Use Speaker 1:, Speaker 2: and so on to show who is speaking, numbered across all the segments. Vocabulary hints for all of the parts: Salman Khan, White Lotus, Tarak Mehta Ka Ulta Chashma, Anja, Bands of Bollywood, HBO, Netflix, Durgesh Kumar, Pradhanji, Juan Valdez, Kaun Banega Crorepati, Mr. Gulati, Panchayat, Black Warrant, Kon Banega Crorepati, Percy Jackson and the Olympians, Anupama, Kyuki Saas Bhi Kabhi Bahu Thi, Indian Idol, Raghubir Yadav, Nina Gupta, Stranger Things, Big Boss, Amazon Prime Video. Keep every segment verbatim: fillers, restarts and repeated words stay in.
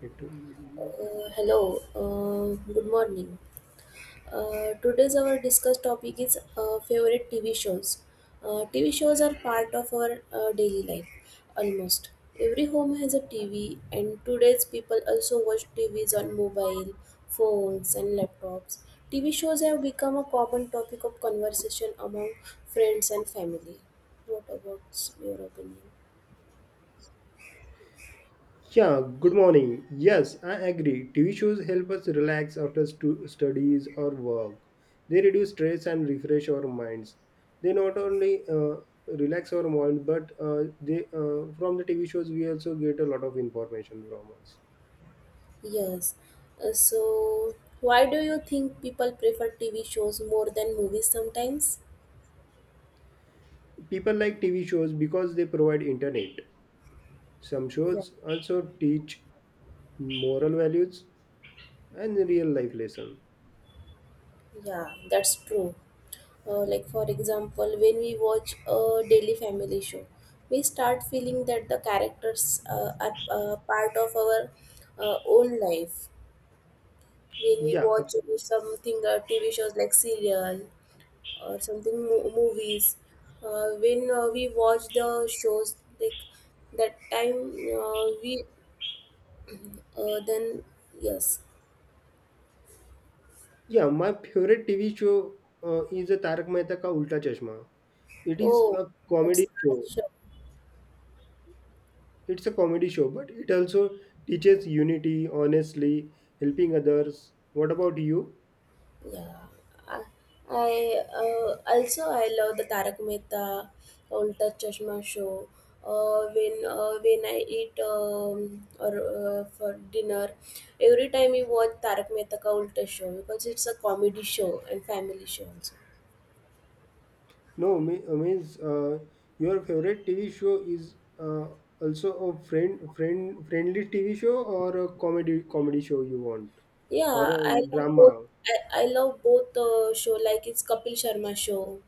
Speaker 1: Yeah,
Speaker 2: Uh, hello, uh, good morning. Uh, today's our discuss topic is uh, favorite T V shows. Uh, T V shows are part of our uh, daily life almost. Every home has a T V, and today's people also watch T Vs on mobile, phones, and laptops. T V shows have become a common topic of conversation among friends and family. What about your opinion?
Speaker 1: good morning. Yes, I agree. T V shows help us relax after stu- studies or work. They reduce stress and refresh our minds. They not only uh, relax our mind, but uh, they uh, from the T V shows we also get a lot of information from us.
Speaker 2: Yes. Uh, so, why do you think people prefer T V shows more than movies sometimes?
Speaker 1: People like T V shows because they provide internet. Some
Speaker 2: Yeah,
Speaker 1: shows also teach moral values and real life lesson.
Speaker 2: yeah, that's true. Uh, like for example, when we watch a daily family show, we start feeling that the characters uh, are uh, part of our uh, own life. When we
Speaker 1: Yeah,
Speaker 2: watch
Speaker 1: abs-
Speaker 2: something uh, T V shows like serial or something mo- movies, uh, when uh, we watch the shows like that time uh, we Uh, then yes.
Speaker 1: Yeah, my favorite T V show uh, is a Tarak Mehta Ka Ulta Chashma. It is
Speaker 2: Oh,
Speaker 1: a comedy
Speaker 2: that's
Speaker 1: show.
Speaker 2: nice show.
Speaker 1: It's a comedy show, but it also teaches unity, honestly, helping others. What about you?
Speaker 2: Yeah. I, I uh, also I love the Tarak Mehta Ulta Chashma show. Uh, when uh, when I eat um, or uh, for dinner, every time we watch Tarak Mehta Ka Ulta show because it's a comedy show and family show also.
Speaker 1: No, me, uh, means uh, your favorite T V show is uh, also a friend, friend, friendly T V show or a comedy comedy show you want or
Speaker 2: Yeah,
Speaker 1: a
Speaker 2: I love both.
Speaker 1: drama?
Speaker 2: I, I love both uh, show like it's Kapil Sharma show.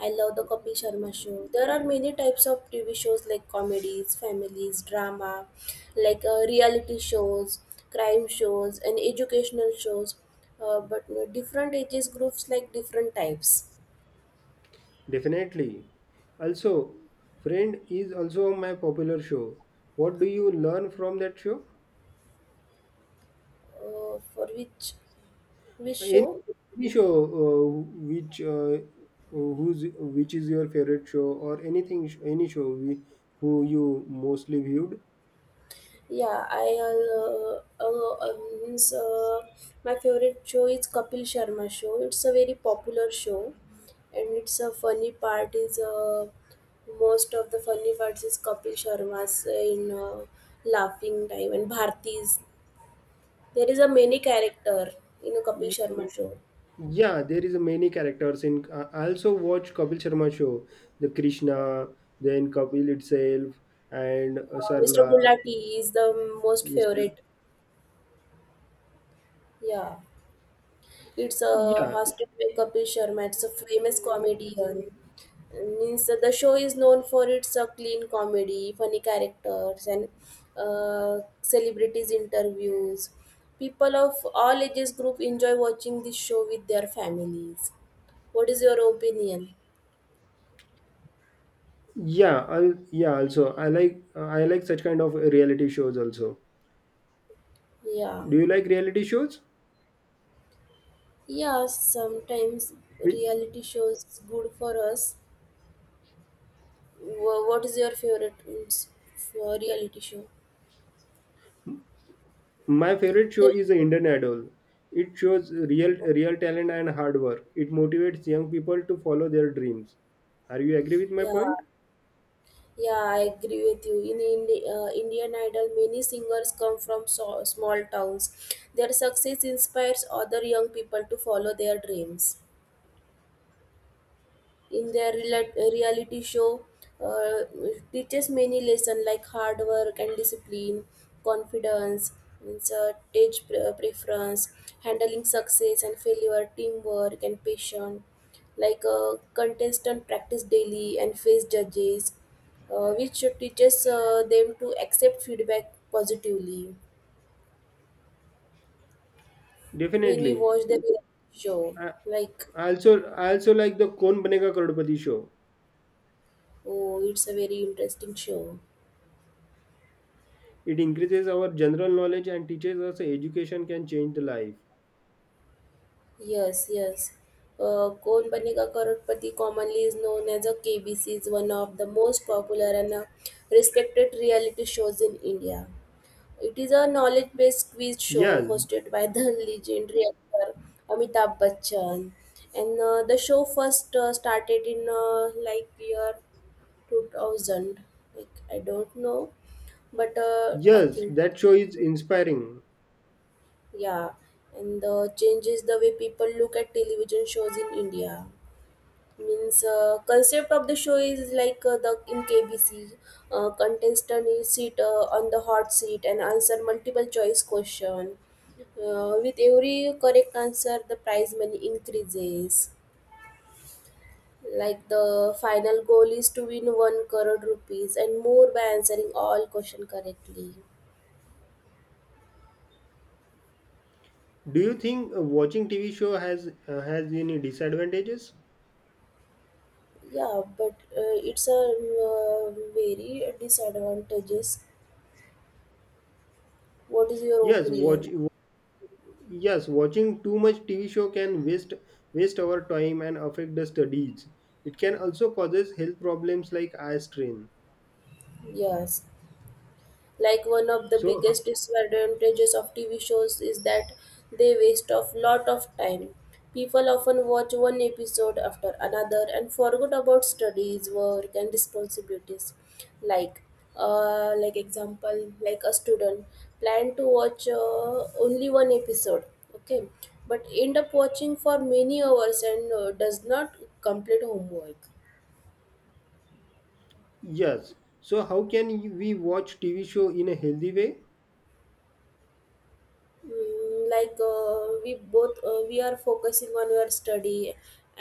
Speaker 2: I love the Kapil Sharma show. There are many types of T V shows like comedies, families, drama, like uh, reality shows, crime shows, and educational shows. Uh, but uh, different ages groups like different types.
Speaker 1: Definitely. Also, Friend is also my popular show. What do you learn from that show?
Speaker 2: Uh, for which which
Speaker 1: Any,
Speaker 2: show?
Speaker 1: any show uh, which uh, who's which is your favorite show or anything any show we, who you mostly viewed?
Speaker 2: Yeah, I uh, uh, uh, means uh, My favorite show is Kapil Sharma show. It's a very popular show, and it's a funny part is uh, most of the funny parts is Kapil Sharma's uh, in uh, laughing time and Bharti's. There is a many character in a Kapil
Speaker 1: Y-
Speaker 2: Sharma show.
Speaker 1: Yeah, there is a many characters in. I I also watch Kapil Sharma show, the Krishna, then Kapil itself, and uh,
Speaker 2: Uh, mister
Speaker 1: Sarla,
Speaker 2: Gulati is the most
Speaker 1: Mister.
Speaker 2: favorite. Yeah. It's a
Speaker 1: Yeah,
Speaker 2: hosted by Kapil Sharma. It's a famous comedian. Means the show is known for its uh, clean comedy, funny characters, and uh, celebrities interviews. People of all ages group enjoy watching this show with their families. What is your opinion?
Speaker 1: Yeah, I'll, yeah. Also, I like I like such kind of reality shows. Also,
Speaker 2: Yeah,
Speaker 1: do you like reality shows?
Speaker 2: yeah. Sometimes
Speaker 1: We,
Speaker 2: reality shows is good for us. Wha- What is your favorite mm, s- for reality show?
Speaker 1: my favorite show
Speaker 2: There
Speaker 1: is the
Speaker 2: is-
Speaker 1: Indian Idol. It shows real real talent and hard work. It motivates young people to follow their dreams. Are you agree with my
Speaker 2: Yeah,
Speaker 1: point?
Speaker 2: yeah, I agree with you. In Indi- uh, Indian Idol, many singers come from so- small towns. Their success inspires other young people to follow their dreams in their rela- reality show uh, teaches many lessons like hard work and discipline, confidence, means, uh, stage pre- preference, handling success and failure, teamwork and patience. Like uh, contestant practice daily and face judges, uh, which teaches uh, them to accept feedback positively. When we
Speaker 1: Definitely.
Speaker 2: watch the show,
Speaker 1: I
Speaker 2: like
Speaker 1: I also I also like the Kon Banega Crorepati show.
Speaker 2: oh, it's a very interesting show.
Speaker 1: It increases our general knowledge and teaches us education can change the life.
Speaker 2: Yes, yes. Uh, Kaun Banega Crorepati commonly is known as a K B C is one of the most popular and uh, respected reality shows in India. It is a knowledge-based quiz show
Speaker 1: Yeah,
Speaker 2: hosted by the legendary actor Amitabh Bachchan, and uh, the show first uh, started in uh, like year two thousand. Like I don't know, but uh, I
Speaker 1: yes,
Speaker 2: think
Speaker 1: that show is inspiring.
Speaker 2: yeah, and uh, changes the way people look at television shows in India. Means uh, concept of the show is like uh, the in K B C uh, contestant is sit uh, on the hot seat and answer multiple choice question. Uh, with every correct answer, the prize money increases. Like the final goal is to win one crore rupees and more by answering all question correctly.
Speaker 1: Do you think uh, watching T V show has uh, has any disadvantages?
Speaker 2: Yeah, but uh, It's a uh, very disadvantages. What is your
Speaker 1: Yes,
Speaker 2: opinion?
Speaker 1: watch yes, watching too much T V show can waste waste our time and affect the studies. It can also causes health problems like eye strain.
Speaker 2: Yes. Like one of the
Speaker 1: So ho-
Speaker 2: biggest disadvantages of TV shows is that they waste a lot of time. People often watch one episode after another and forget about studies, work, and responsibilities, like uh, like example like a student plan to watch uh, only one episode, okay, but end up watching for many hours and uh, does not complete homework.
Speaker 1: yes, so how can you- we watch T V show in a healthy way?
Speaker 2: Mm, like uh, we both uh, we are focusing on your study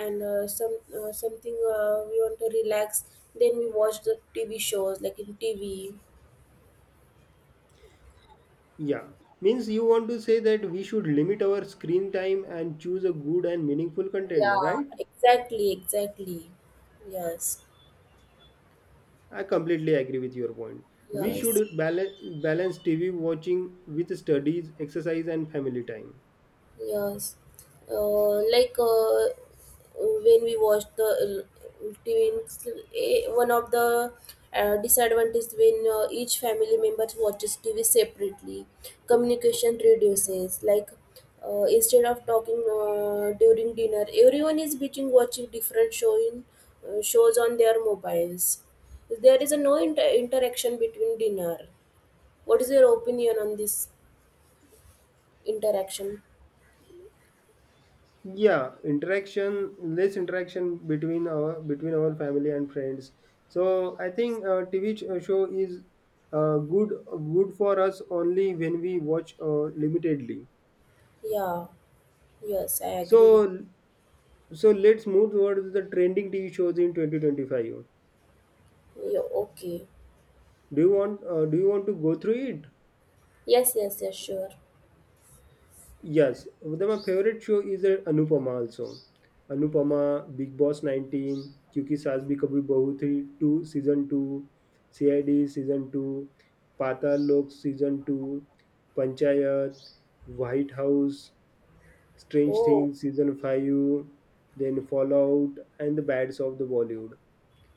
Speaker 2: and uh, some uh, something uh, we want to relax, then we watch the TV shows like in TV,
Speaker 1: Yeah, means you want to say that we should limit our screen time and choose a good and meaningful content,
Speaker 2: yeah,
Speaker 1: right?
Speaker 2: exactly exactly Yes,
Speaker 1: I completely agree with your point. We should
Speaker 2: yes.
Speaker 1: balance balance T V watching with studies, exercise, and family time.
Speaker 2: Yes, uh, like uh, when we watch the uh, twins, eh, one of the uh, disadvantages, when uh, each family member watches T V separately, communication reduces. Like uh, instead of talking uh, during dinner, everyone is between watching different show in, uh, shows on their mobiles. There is a no inter- interaction between dinner. What is your opinion on this interaction?
Speaker 1: Yeah, interaction, less interaction between our between our family and friends. So I think uh, T V ch- uh, show is uh, good good for us only when we watch uh, limitedly.
Speaker 2: Yeah, yes, I agree with
Speaker 1: So so let's move towards the trending T V shows in twenty twenty-five.
Speaker 2: you. Okay.
Speaker 1: Do you want uh, do you want to go through it?
Speaker 2: Yes, yes, yes, sure.
Speaker 1: Yes, but my favorite show is uh, Anupama also. Anupama, Big Boss nineteen, Kyuki Saas Bhi Kabhi Bahu Thi two Season two, C I D Season two, Patal Lok Season two, Panchayat, White House, Strange
Speaker 2: Oh,
Speaker 1: Things Season five, then Fallout and the Bads of the Bollywood.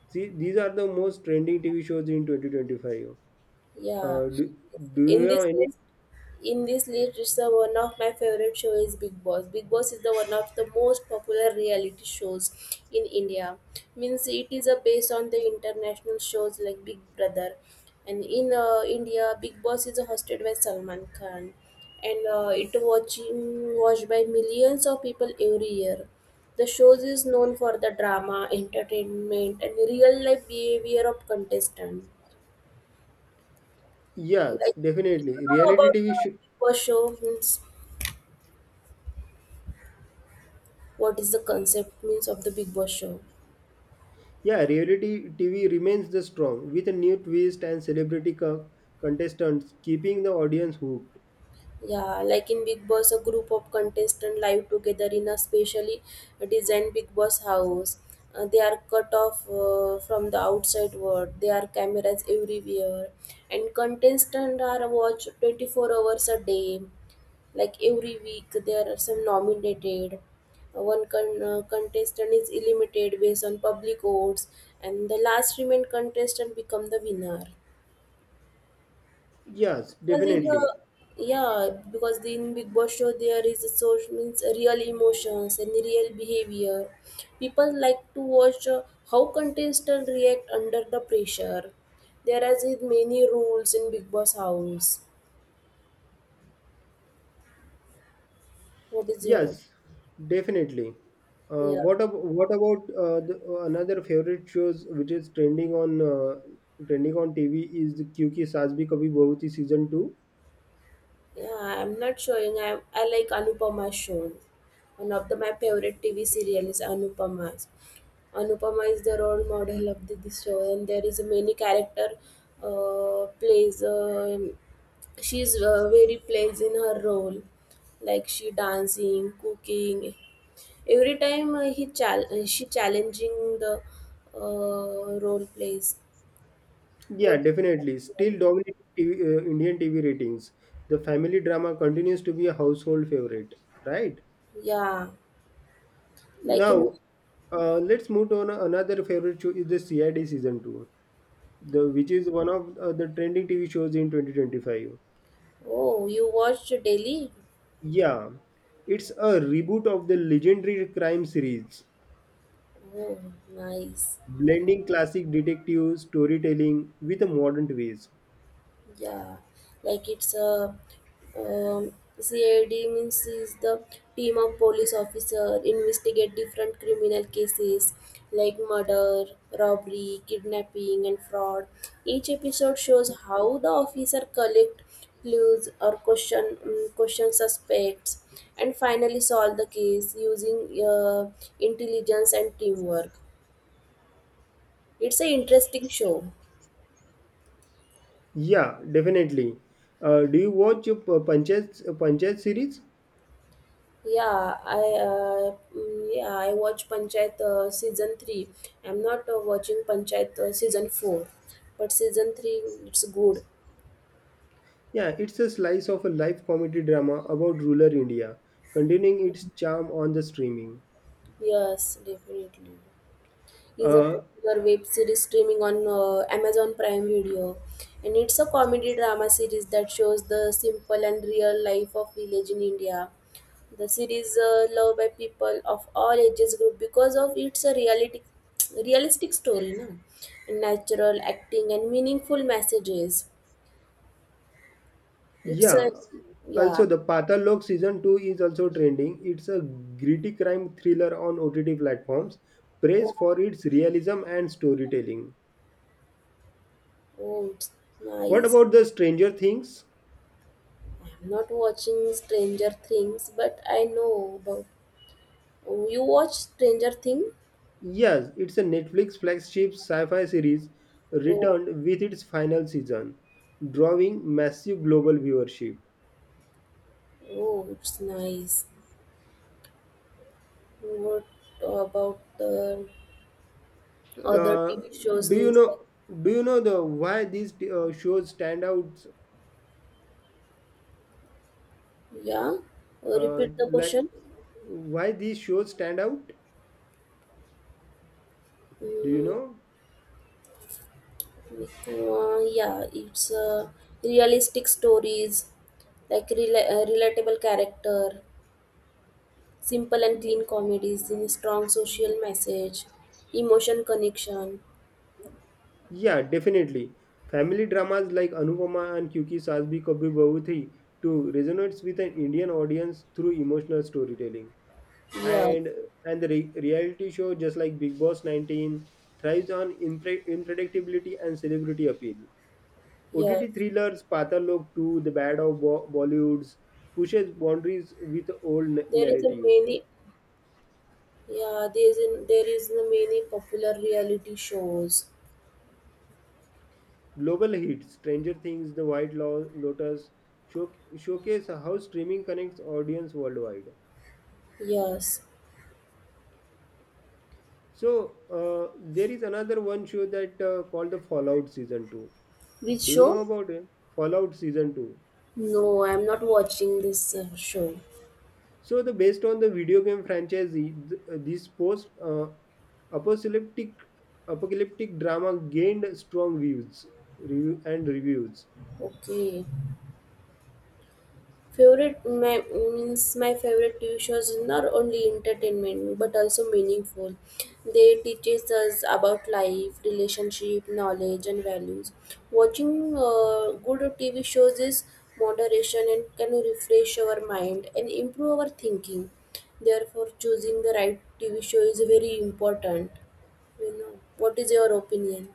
Speaker 1: See, these are the most trending T V shows in twenty twenty-five.
Speaker 2: yeah.
Speaker 1: Uh, do, do you
Speaker 2: In
Speaker 1: have
Speaker 2: this
Speaker 1: any?
Speaker 2: list, in this list, it's the one of my favorite show is Big Boss. Big Boss is the one of the most popular reality shows in India. Means it is a based on the international shows like Big Brother, and in uh, India, Big Boss is hosted by Salman Khan, and uh, it watching watched by millions of people every year. The shows is known for the drama, entertainment, and real life behavior of contestant.
Speaker 1: Yes,
Speaker 2: Like, you
Speaker 1: definitely.
Speaker 2: know
Speaker 1: Reality
Speaker 2: about
Speaker 1: T V
Speaker 2: the
Speaker 1: show.
Speaker 2: Big Boss show means what is the concept means of the Big Boss show?
Speaker 1: Yeah, reality T V remains the strong with a new twist and celebrity co- contestants keeping the audience hooked.
Speaker 2: Yeah, like in Big Boss, a group of contestants live together in a specially designed Big Boss house. Uh, they are cut off uh, from the outside world. There are cameras everywhere, and contestants are watched twenty-four hours a day. Like every week there are some nominated. Uh, one con- uh, contestant is eliminated based on public votes and the last remained contestant become the winner,
Speaker 1: Yes,
Speaker 2: because in the
Speaker 1: definitely.
Speaker 2: yeah because in Big Boss show there is a source means real emotions and real behavior. People like to watch uh, how contestants react under the pressure. There are many rules in Big Boss house. What is your own?
Speaker 1: Yes, definitely. Uh,
Speaker 2: Yeah.
Speaker 1: what ab- what about uh, the, uh, another favorite shows which is trending on uh, trending on T V is the Kyuki Saas Bhi Kabhi Bahu Thi season two.
Speaker 2: Yeah, I'm not showing. I, I like Anupama shows. One of the, my favorite T V serial is Anupama. Anupama is the role model of the, this show, and there is a many character uh, plays. Um she's uh, very plays in her role, like she dancing, cooking. Every time uh, he chal- uh, she challenging the uh, role plays.
Speaker 1: Yeah,
Speaker 2: What?
Speaker 1: definitely. Still dominating T V, uh, Indian T V ratings. The family drama continues to be a household favorite, right?
Speaker 2: Yeah, like in—
Speaker 1: Now, uh, let's move on another favorite show is the C I D season two, the which is one of uh, the trending T V shows in twenty twenty-five.
Speaker 2: Oh, you watched Delhi?
Speaker 1: Yeah, it's a reboot of the legendary crime series,
Speaker 2: Oh, nice.
Speaker 1: blending classic detective storytelling with a modern twist.
Speaker 2: Yeah, like it's a um, C I D means is the team of police officer investigate different criminal cases like murder, robbery, kidnapping, and fraud. Each episode shows how the officer collect clues or question um, question suspects and finally solve the case using uh, intelligence and teamwork. It's an interesting show.
Speaker 1: Yeah, definitely. Uh, do you watch uh, Panchayat uh, Panchayat series?
Speaker 2: Yeah, I uh, mm, yeah I watch Panchayat uh, season three. I'm not uh, watching Panchayat uh, season four, but season three it's good.
Speaker 1: Yeah, it's a slice of a life comedy drama about rural India, continuing its charm on the streaming.
Speaker 2: Yes, definitely. Is a
Speaker 1: Uh,
Speaker 2: popular web series streaming on uh, Amazon Prime Video. And it's a comedy drama series that shows the simple and real life of village in India. The series uh, loved by people of all ages group because of its a reality, realistic story, na? And natural acting and meaningful messages. It's a
Speaker 1: Yeah. Also,
Speaker 2: yeah.
Speaker 1: the Patalok season two is also trending. It's a gritty crime thriller on O T T platforms,
Speaker 2: Oh,
Speaker 1: praised for its realism and storytelling.
Speaker 2: oh, it's
Speaker 1: What
Speaker 2: nice.
Speaker 1: about the Stranger Things?
Speaker 2: I'm not watching Stranger Things, but I know about. Oh, you watch Stranger Things?
Speaker 1: Yes, it's a Netflix flagship sci-fi series
Speaker 2: Oh,
Speaker 1: returned with its final season, drawing massive global viewership.
Speaker 2: oh, it's nice. What about the other
Speaker 1: Uh,
Speaker 2: T V shows?
Speaker 1: do you
Speaker 2: Means like,
Speaker 1: know do you know the why these uh, shows stand out
Speaker 2: yeah. Uh,
Speaker 1: uh,
Speaker 2: repeat the
Speaker 1: like
Speaker 2: question.
Speaker 1: why these shows stand out? Do you
Speaker 2: Mm,
Speaker 1: know?
Speaker 2: uh, yeah, it's uh, realistic stories, like rela- uh, relatable character, simple and clean comedies in strong social message, emotion connection.
Speaker 1: Yeah, definitely. Family dramas like Anupama and Kyuki Saas Bhi Kabhi Bahu Thi too resonates with an Indian audience through emotional storytelling.
Speaker 2: Yeah,
Speaker 1: And and the re- reality show just like Big Boss nineteen thrives on impre- unpredictability and celebrity appeal. O T T
Speaker 2: yes.
Speaker 1: thrillers Patal Lok two, The Bad of Bo- Bollywoods pushes boundaries with old na-
Speaker 2: There is a
Speaker 1: narratives.
Speaker 2: many. Yeah, there is a, there is a many popular reality shows.
Speaker 1: Global hits Stranger Things, The White Lo- Lotus show- showcase how streaming connects audience worldwide.
Speaker 2: Yes.
Speaker 1: So uh, there is another one show that uh, called the Fallout Season two.
Speaker 2: Which
Speaker 1: Do you know
Speaker 2: show?
Speaker 1: about it? Fallout Season two.
Speaker 2: No, I'm not watching this uh, show.
Speaker 1: So the based on the video game franchise, th- uh, this post uh, apocalyptic apocalyptic drama gained strong views review, and reviews.
Speaker 2: Okay. Favorite my means My favorite T V shows is not only entertainment but also meaningful. They teaches us about life, relationship, knowledge, and values. Watching uh, good T V shows is moderation and can refresh our mind and improve our thinking. Therefore, choosing the right T V show is very important. You know, what is your opinion?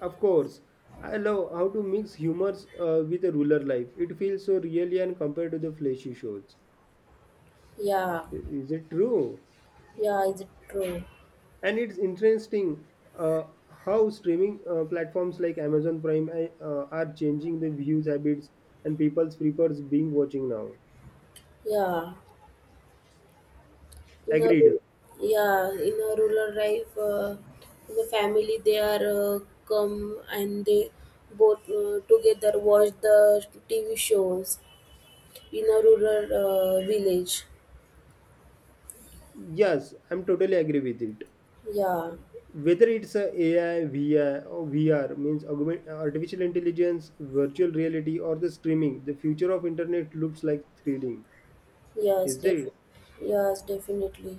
Speaker 1: Of course, I love how to mix humors uh, with a ruler life. It feels so really and compared to the fleshy shows.
Speaker 2: Yeah,
Speaker 1: I- Is it true?
Speaker 2: yeah, is it true?
Speaker 1: And it's interesting uh, how streaming uh, platforms like Amazon Prime uh, uh, are changing the views habits and people's prefers being watching now.
Speaker 2: Yeah, in a
Speaker 1: Agreed.
Speaker 2: ru- yeah, in a rural life, uh, the family they are uh, come and they both uh, together watch the T V shows in a rural uh, village.
Speaker 1: Yes, I'm totally agree with it.
Speaker 2: Yeah,
Speaker 1: Whether it's a AI, V I, or V R means augment, artificial intelligence, virtual reality, or the streaming, the future of internet looks like thrilling.
Speaker 2: yes,
Speaker 1: Is it?
Speaker 2: defi- yes, definitely.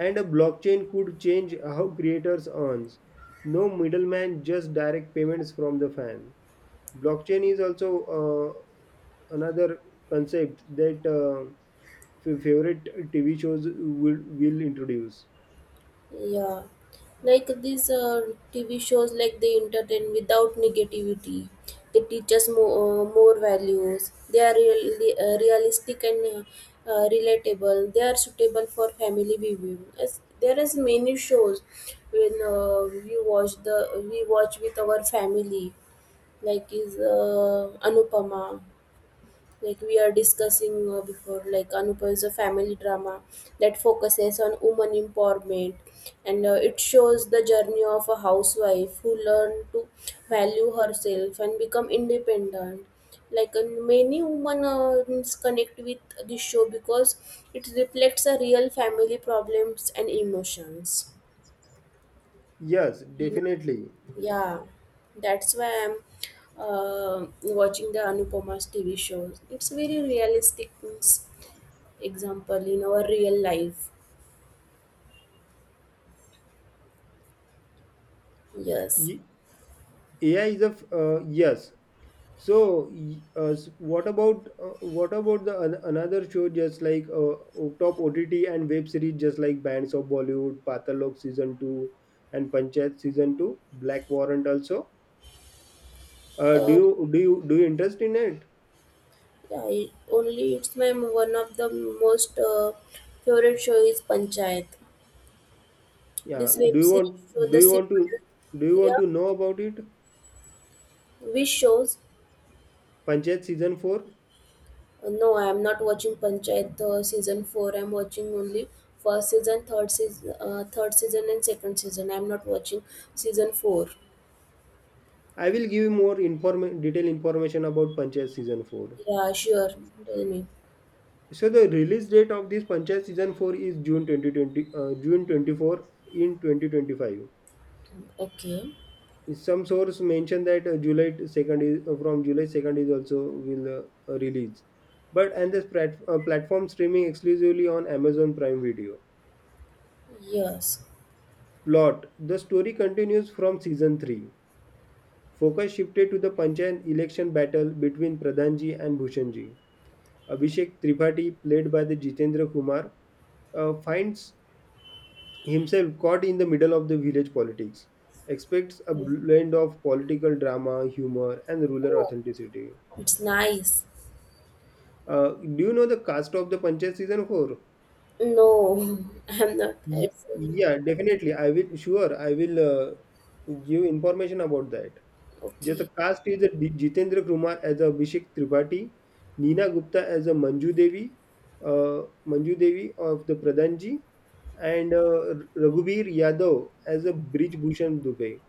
Speaker 1: And a blockchain could change how creators earns. No middleman, just direct payments from the fan. Blockchain is also uh, another concept that uh, f- favorite T V shows will will introduce.
Speaker 2: Yeah, like these uh, T V shows, like they entertain without negativity. They teach us more, uh, more values. They are really uh, realistic and uh, uh, relatable. They are suitable for family viewing. As there is many shows when uh, we watch the we watch with our family, like is uh, Anupama, like we are discussing uh, before, like Anupa is a family drama that focuses on woman empowerment, and uh, it shows the journey of a housewife who learned to value herself and become independent, like, and many women uh, connect with this show because it reflects a real family problems and emotions.
Speaker 1: Yes,
Speaker 2: You know,
Speaker 1: definitely.
Speaker 2: yeah, that's why I'm uh, watching the Anupoma's T V shows. It's very realistic means example in our real life. Yes.
Speaker 1: Y- A I is a f- uh, yes. So, y- uh, s- what about uh, what about the an- another show just like uh, o- top O T T and web series just like Bands of Bollywood, Patalok season two, and Panchayat season two, Black Warrant also. Uh, do
Speaker 2: Uh,
Speaker 1: you do you do you interest in it?
Speaker 2: yeah, it, only it's my one of the most uh, favorite show is Panchayat.
Speaker 1: Yeah.
Speaker 2: This
Speaker 1: Do
Speaker 2: web
Speaker 1: you
Speaker 2: series show
Speaker 1: want do
Speaker 2: the
Speaker 1: you want to
Speaker 2: simple,
Speaker 1: do you want
Speaker 2: yeah,
Speaker 1: to know about it?
Speaker 2: which shows—
Speaker 1: Panchayat season four.
Speaker 2: Uh, No, I am not watching Panchayat uh, season four. I am watching only first season, third season, uh, third season, and second season. I am not watching season four.
Speaker 1: I will give you more inform detailed information about Panchayat season four.
Speaker 2: Yeah, sure. Tell me.
Speaker 1: So the release date of this Panchayat season four is June twenty twenty, uh, June twenty-fourth in twenty twenty-five.
Speaker 2: Okay.
Speaker 1: Some source mentioned that uh, July second is uh, from July second is also will uh, uh, release. But and this plat- uh, platform streaming exclusively on Amazon Prime Video.
Speaker 2: Yes.
Speaker 1: Plot: The story continues from season three. Focus shifted to the Panchayat election battle between Pradhanji and Bhushanji. Abhishek Tripathi, played by the Jitendra Kumar, uh, finds himself caught in the middle of the village politics, expects a blend of political drama, humor, and rural
Speaker 2: Oh,
Speaker 1: authenticity.
Speaker 2: it's nice.
Speaker 1: Uh, do you know the cast of the Panchayat season four?
Speaker 2: No, I'm not.
Speaker 1: Yeah,
Speaker 2: Asking.
Speaker 1: yeah, definitely. I will, sure, I will uh, give information about that. Just the
Speaker 2: Okay.
Speaker 1: cast is uh, Ji- Jitendra Kumar as Abhishek Tripathi, Nina Gupta as a Manju Devi, uh, Manju Devi of the Pradhanji, and uh, Raghubir Yadav as a Bridge Bhushan Dubey.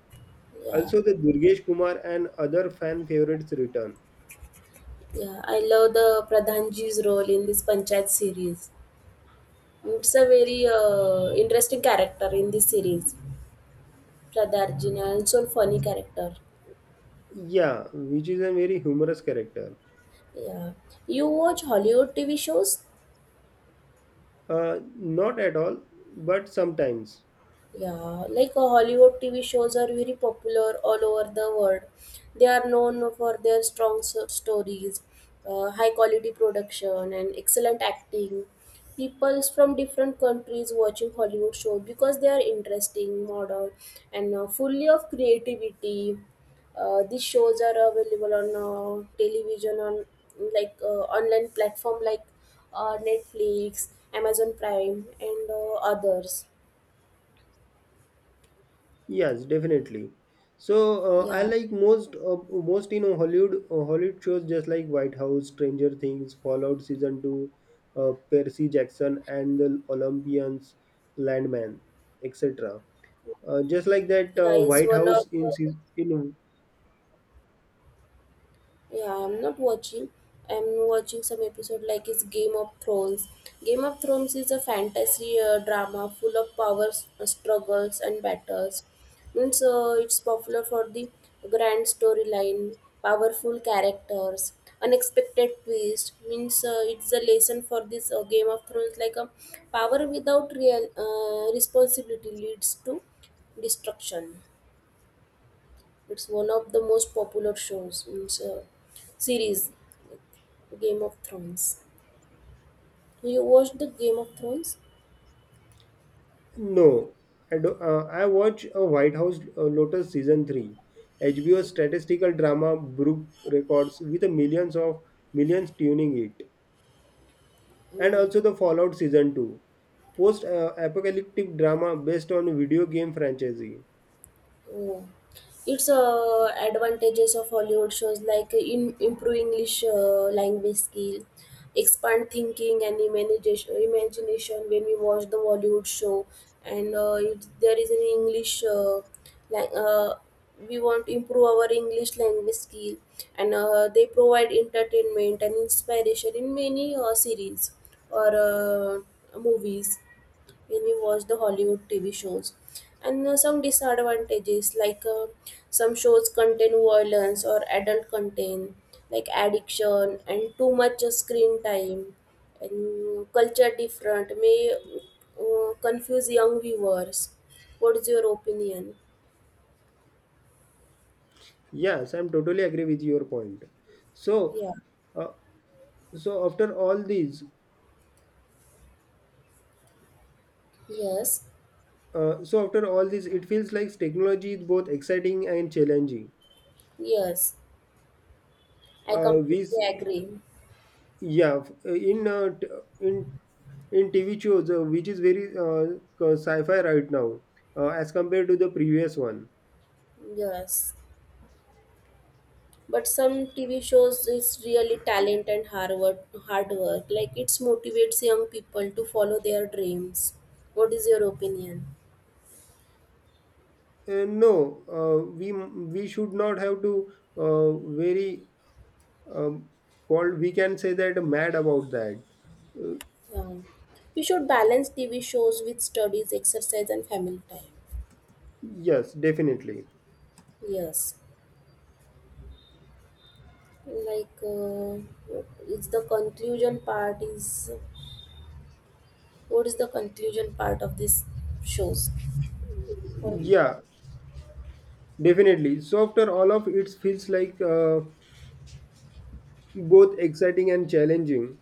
Speaker 2: Yeah.
Speaker 1: Also, the Durgesh Kumar and other fan favorites return.
Speaker 2: Yeah. I love the Pradhanji's role in this Panchayat series. It's a very uh, interesting character in this series. Pradhanji and so funny character.
Speaker 1: Yeah, which is a very humorous character.
Speaker 2: Yeah. You watch Hollywood T V shows?
Speaker 1: Uh, not at all, but sometimes.
Speaker 2: Yeah, like uh, Hollywood T V shows are very popular all over the world. They are known for their strong s- stories, uh, high quality production, and excellent acting. People from different countries watching Hollywood shows because they are interesting, modern, and uh, fully of creativity. Uh, these shows are available on uh, television on like uh, online platform like uh, Netflix, Amazon Prime, and uh, others.
Speaker 1: Yes, definitely. So uh, I
Speaker 2: Yeah.
Speaker 1: like most uh, most you know Hollywood uh, Hollywood shows just like White House, Stranger Things, Fallout season two, uh, Percy Jackson and the Olympians, Landman, et cetera. Uh, just like that,
Speaker 2: Yeah,
Speaker 1: uh,
Speaker 2: is
Speaker 1: White
Speaker 2: one
Speaker 1: House
Speaker 2: of
Speaker 1: in
Speaker 2: the,
Speaker 1: season. In
Speaker 2: yeah, I'm not watching. I'm watching some episode like it's Game of Thrones. Game of Thrones is a fantasy uh, drama full of power s- struggles and battles. Means uh, it's popular for the grand storyline, powerful characters, unexpected twist. Means uh, it's a lesson for this uh, Game of Thrones like a power without real uh, responsibility leads to destruction. It's one of the most popular shows, means, uh, series, like, Game of Thrones. You watched the Game of Thrones?
Speaker 1: No, I do. Uh, I watch a White House uh, Lotus season three, H B O statistical drama broke records with a millions of millions tuning it, and also the Fallout season two, post uh, apocalyptic drama based on video game franchise.
Speaker 2: Oh. It's uh, advantages of Hollywood shows like in, improve English uh, language skill, expand thinking and imagination, imagination when we watch the Hollywood show. And uh, if there is an English, uh, like uh, we want to improve our English language skill. And uh, they provide entertainment and inspiration in many uh, series or uh, movies when you watch the Hollywood T V shows. And uh, some disadvantages like uh, some shows contain violence or adult content, like addiction and too much uh, screen time, and culture different may uh, confuse young viewers. What is your opinion?
Speaker 1: Yes, I'm totally agree with your point. So,
Speaker 2: Yeah.
Speaker 1: uh, so after all these,
Speaker 2: Yes.
Speaker 1: uh, so after all this, it feels like technology is both exciting and challenging.
Speaker 2: Yes. I
Speaker 1: Uh, we s-
Speaker 2: completely agree.
Speaker 1: Yeah, f- uh, in uh, t- in in T V shows, uh, which is very uh, sci-fi right now, uh, as compared to the previous one.
Speaker 2: Yes. But some TV shows is really talent and hard work, hard work like it motivates young people to follow their dreams. What is your opinion?
Speaker 1: Uh, no, uh, we we should not have to uh, very um, called. We can say that mad about that. Uh,
Speaker 2: Yeah. We should balance TV shows with studies, exercise, and family time.
Speaker 1: yes, definitely.
Speaker 2: Yes. Like uh, it's the conclusion part is, what is the conclusion part of this shows for?
Speaker 1: Yeah, definitely. So after all of it feels like uh, both exciting and challenging.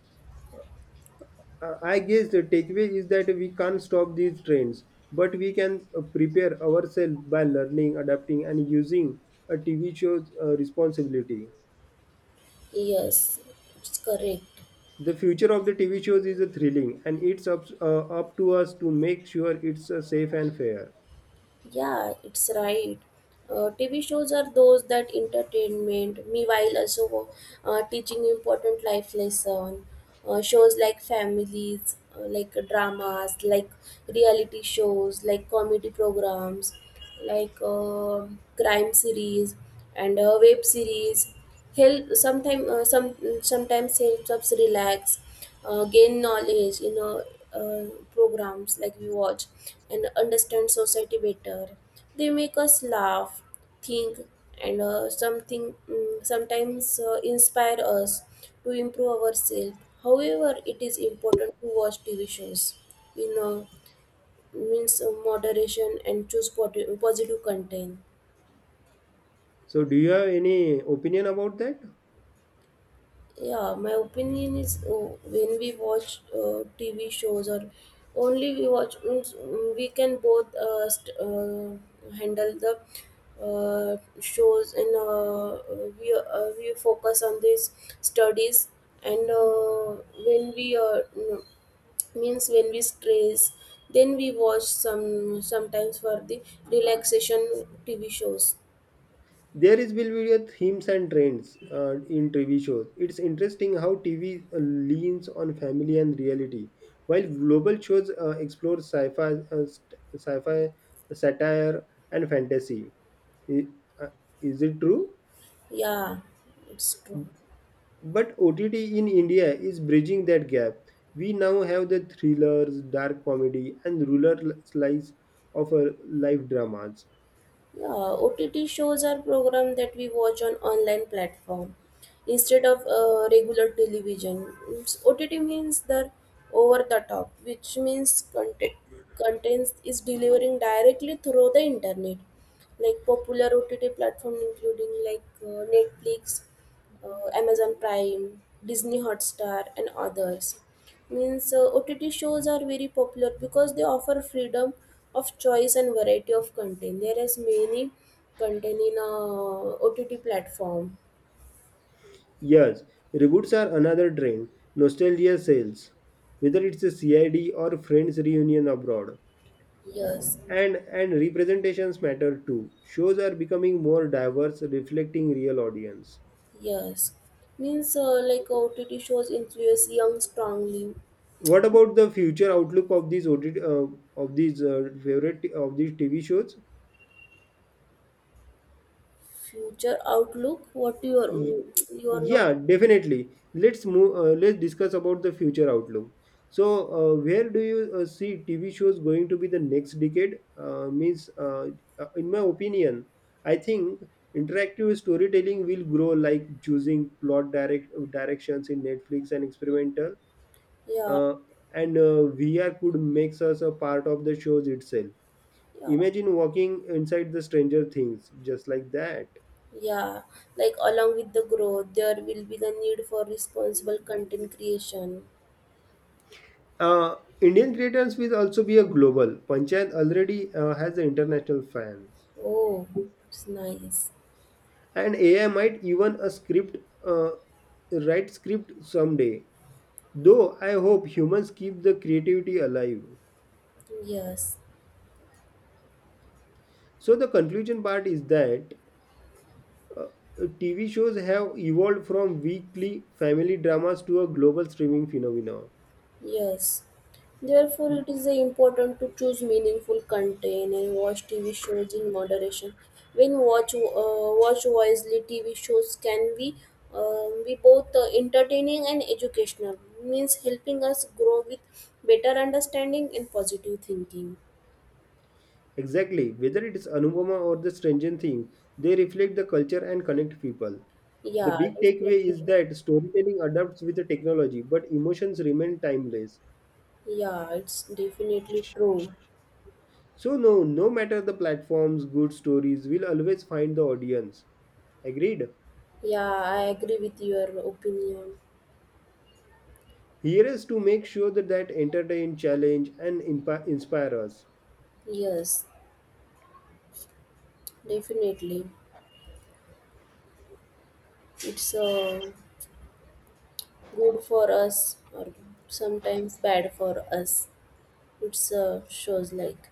Speaker 1: Uh, I guess the takeaway is that we can't stop these trends, but we can uh, prepare ourselves by learning, adapting, and using a T V show's uh, responsibility.
Speaker 2: Yes, it's correct.
Speaker 1: The future of the T V shows is uh, thrilling, and it's up, uh, up to us to make sure it's uh, safe and fair.
Speaker 2: Yeah, it's right. Uh, T V shows are those that entertainment, meanwhile also uh, teaching important life lesson. Uh, shows like families, uh, like dramas, like reality shows, like comedy programs, like uh, crime series and uh, web series. Help sometimes uh, some sometimes helps us relax, uh, gain knowledge in uh, uh, programs like we watch, and understand society better. They make us laugh, think, and uh, something mm, sometimes uh, inspire us to improve ourselves. However, it is important to watch T V shows in uh, means uh, moderation and choose pot- positive content.
Speaker 1: So, do you have any opinion about that?
Speaker 2: Yeah, my opinion is uh, when we watch uh, TV shows or only we watch means, mm, we can both uh, st- uh, handle the uh, shows, and uh, we uh, we focus on these studies, and uh, when we uh, mm, means when we stress then we watch some sometimes for the relaxation TV shows.
Speaker 1: There is will be a themes and trends uh, in T V shows. It's interesting how T V leans on family and reality, while global shows uh, explore sci-fi, uh, st- sci-fi satire and fantasy. I- uh, Is it true?
Speaker 2: Yeah, it's true.
Speaker 1: But O T T in India is bridging that gap. We now have the thrillers, dark comedy, and rural slice of uh, life dramas.
Speaker 2: Yeah, O T T shows are programs that we watch on online platform instead of uh, regular television. It's O T T means the over the top, which means content contents is delivering directly through the internet. Like popular O T T platform including like uh, Netflix, uh, Amazon Prime, Disney Hotstar, and others. Means uh, O T T shows are very popular because they offer freedom of choice and variety of content. There is many content in uh, O T T platform.
Speaker 1: Yes, reboots are another trend. Nostalgia sells, whether it's a C I D or Friends reunion abroad.
Speaker 2: Yes,
Speaker 1: And and representations matter too. Shows are becoming more diverse, reflecting real audience.
Speaker 2: yes. Means uh, like O T T shows influence young strongly.
Speaker 1: What about the future outlook of these O T T, uh, of these uh, favorite of these T V shows?
Speaker 2: Future outlook. What you
Speaker 1: Y-
Speaker 2: are, you are not.
Speaker 1: yeah definitely let's move uh, let's discuss about the future outlook so uh, where do you uh, see tv shows going to be the next decade uh, means uh, uh, in my opinion I think interactive storytelling will grow like choosing plot direct directions in netflix and experimental
Speaker 2: Yeah,
Speaker 1: uh, and uh, vr could makes us a part of the shows itself
Speaker 2: yeah.
Speaker 1: imagine walking inside the stranger things just like that.
Speaker 2: Yeah, like along with the growth, there will be the need for responsible content creation.
Speaker 1: Uh, Indian creators will also be a global. Panchayat already uh, has the international fans,
Speaker 2: Oh, it's nice.
Speaker 1: and A I might even a script uh, write script someday. Though I hope humans keep the creativity alive.
Speaker 2: Yes,
Speaker 1: So the conclusion part is that uh, T V shows have evolved from weekly family dramas to a global streaming phenomenon.
Speaker 2: yes. Therefore, it is important to choose meaningful content and watch T V shows in moderation. When watch uh, watch wisely, T V shows can be um, be both uh, entertaining and educational. Means helping us grow with better understanding and positive thinking.
Speaker 1: Exactly, whether it is Anupama or the stringent theme, they reflect the culture and connect people. The
Speaker 2: Yeah,
Speaker 1: big takeaway is
Speaker 2: definitely.
Speaker 1: that storytelling adapts with the technology, but emotions remain timeless.
Speaker 2: Yeah, it's definitely true.
Speaker 1: So, no, no matter the platforms, good stories will always find the audience. Agreed?
Speaker 2: Yeah, I agree with your opinion.
Speaker 1: Here is to make sure that, that entertain, challenge, and impa- inspire us.
Speaker 2: Yes, definitely. It's uh, good for us or sometimes bad for us. It's uh, shows like.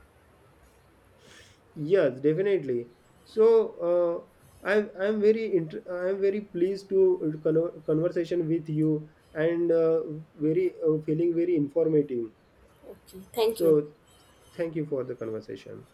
Speaker 1: Yes, definitely. So uh, I'm I'm very inter- I'm very pleased to con- conversation with you and uh, very uh, feeling very informative.
Speaker 2: Okay, thank you.
Speaker 1: So thank you for the conversation.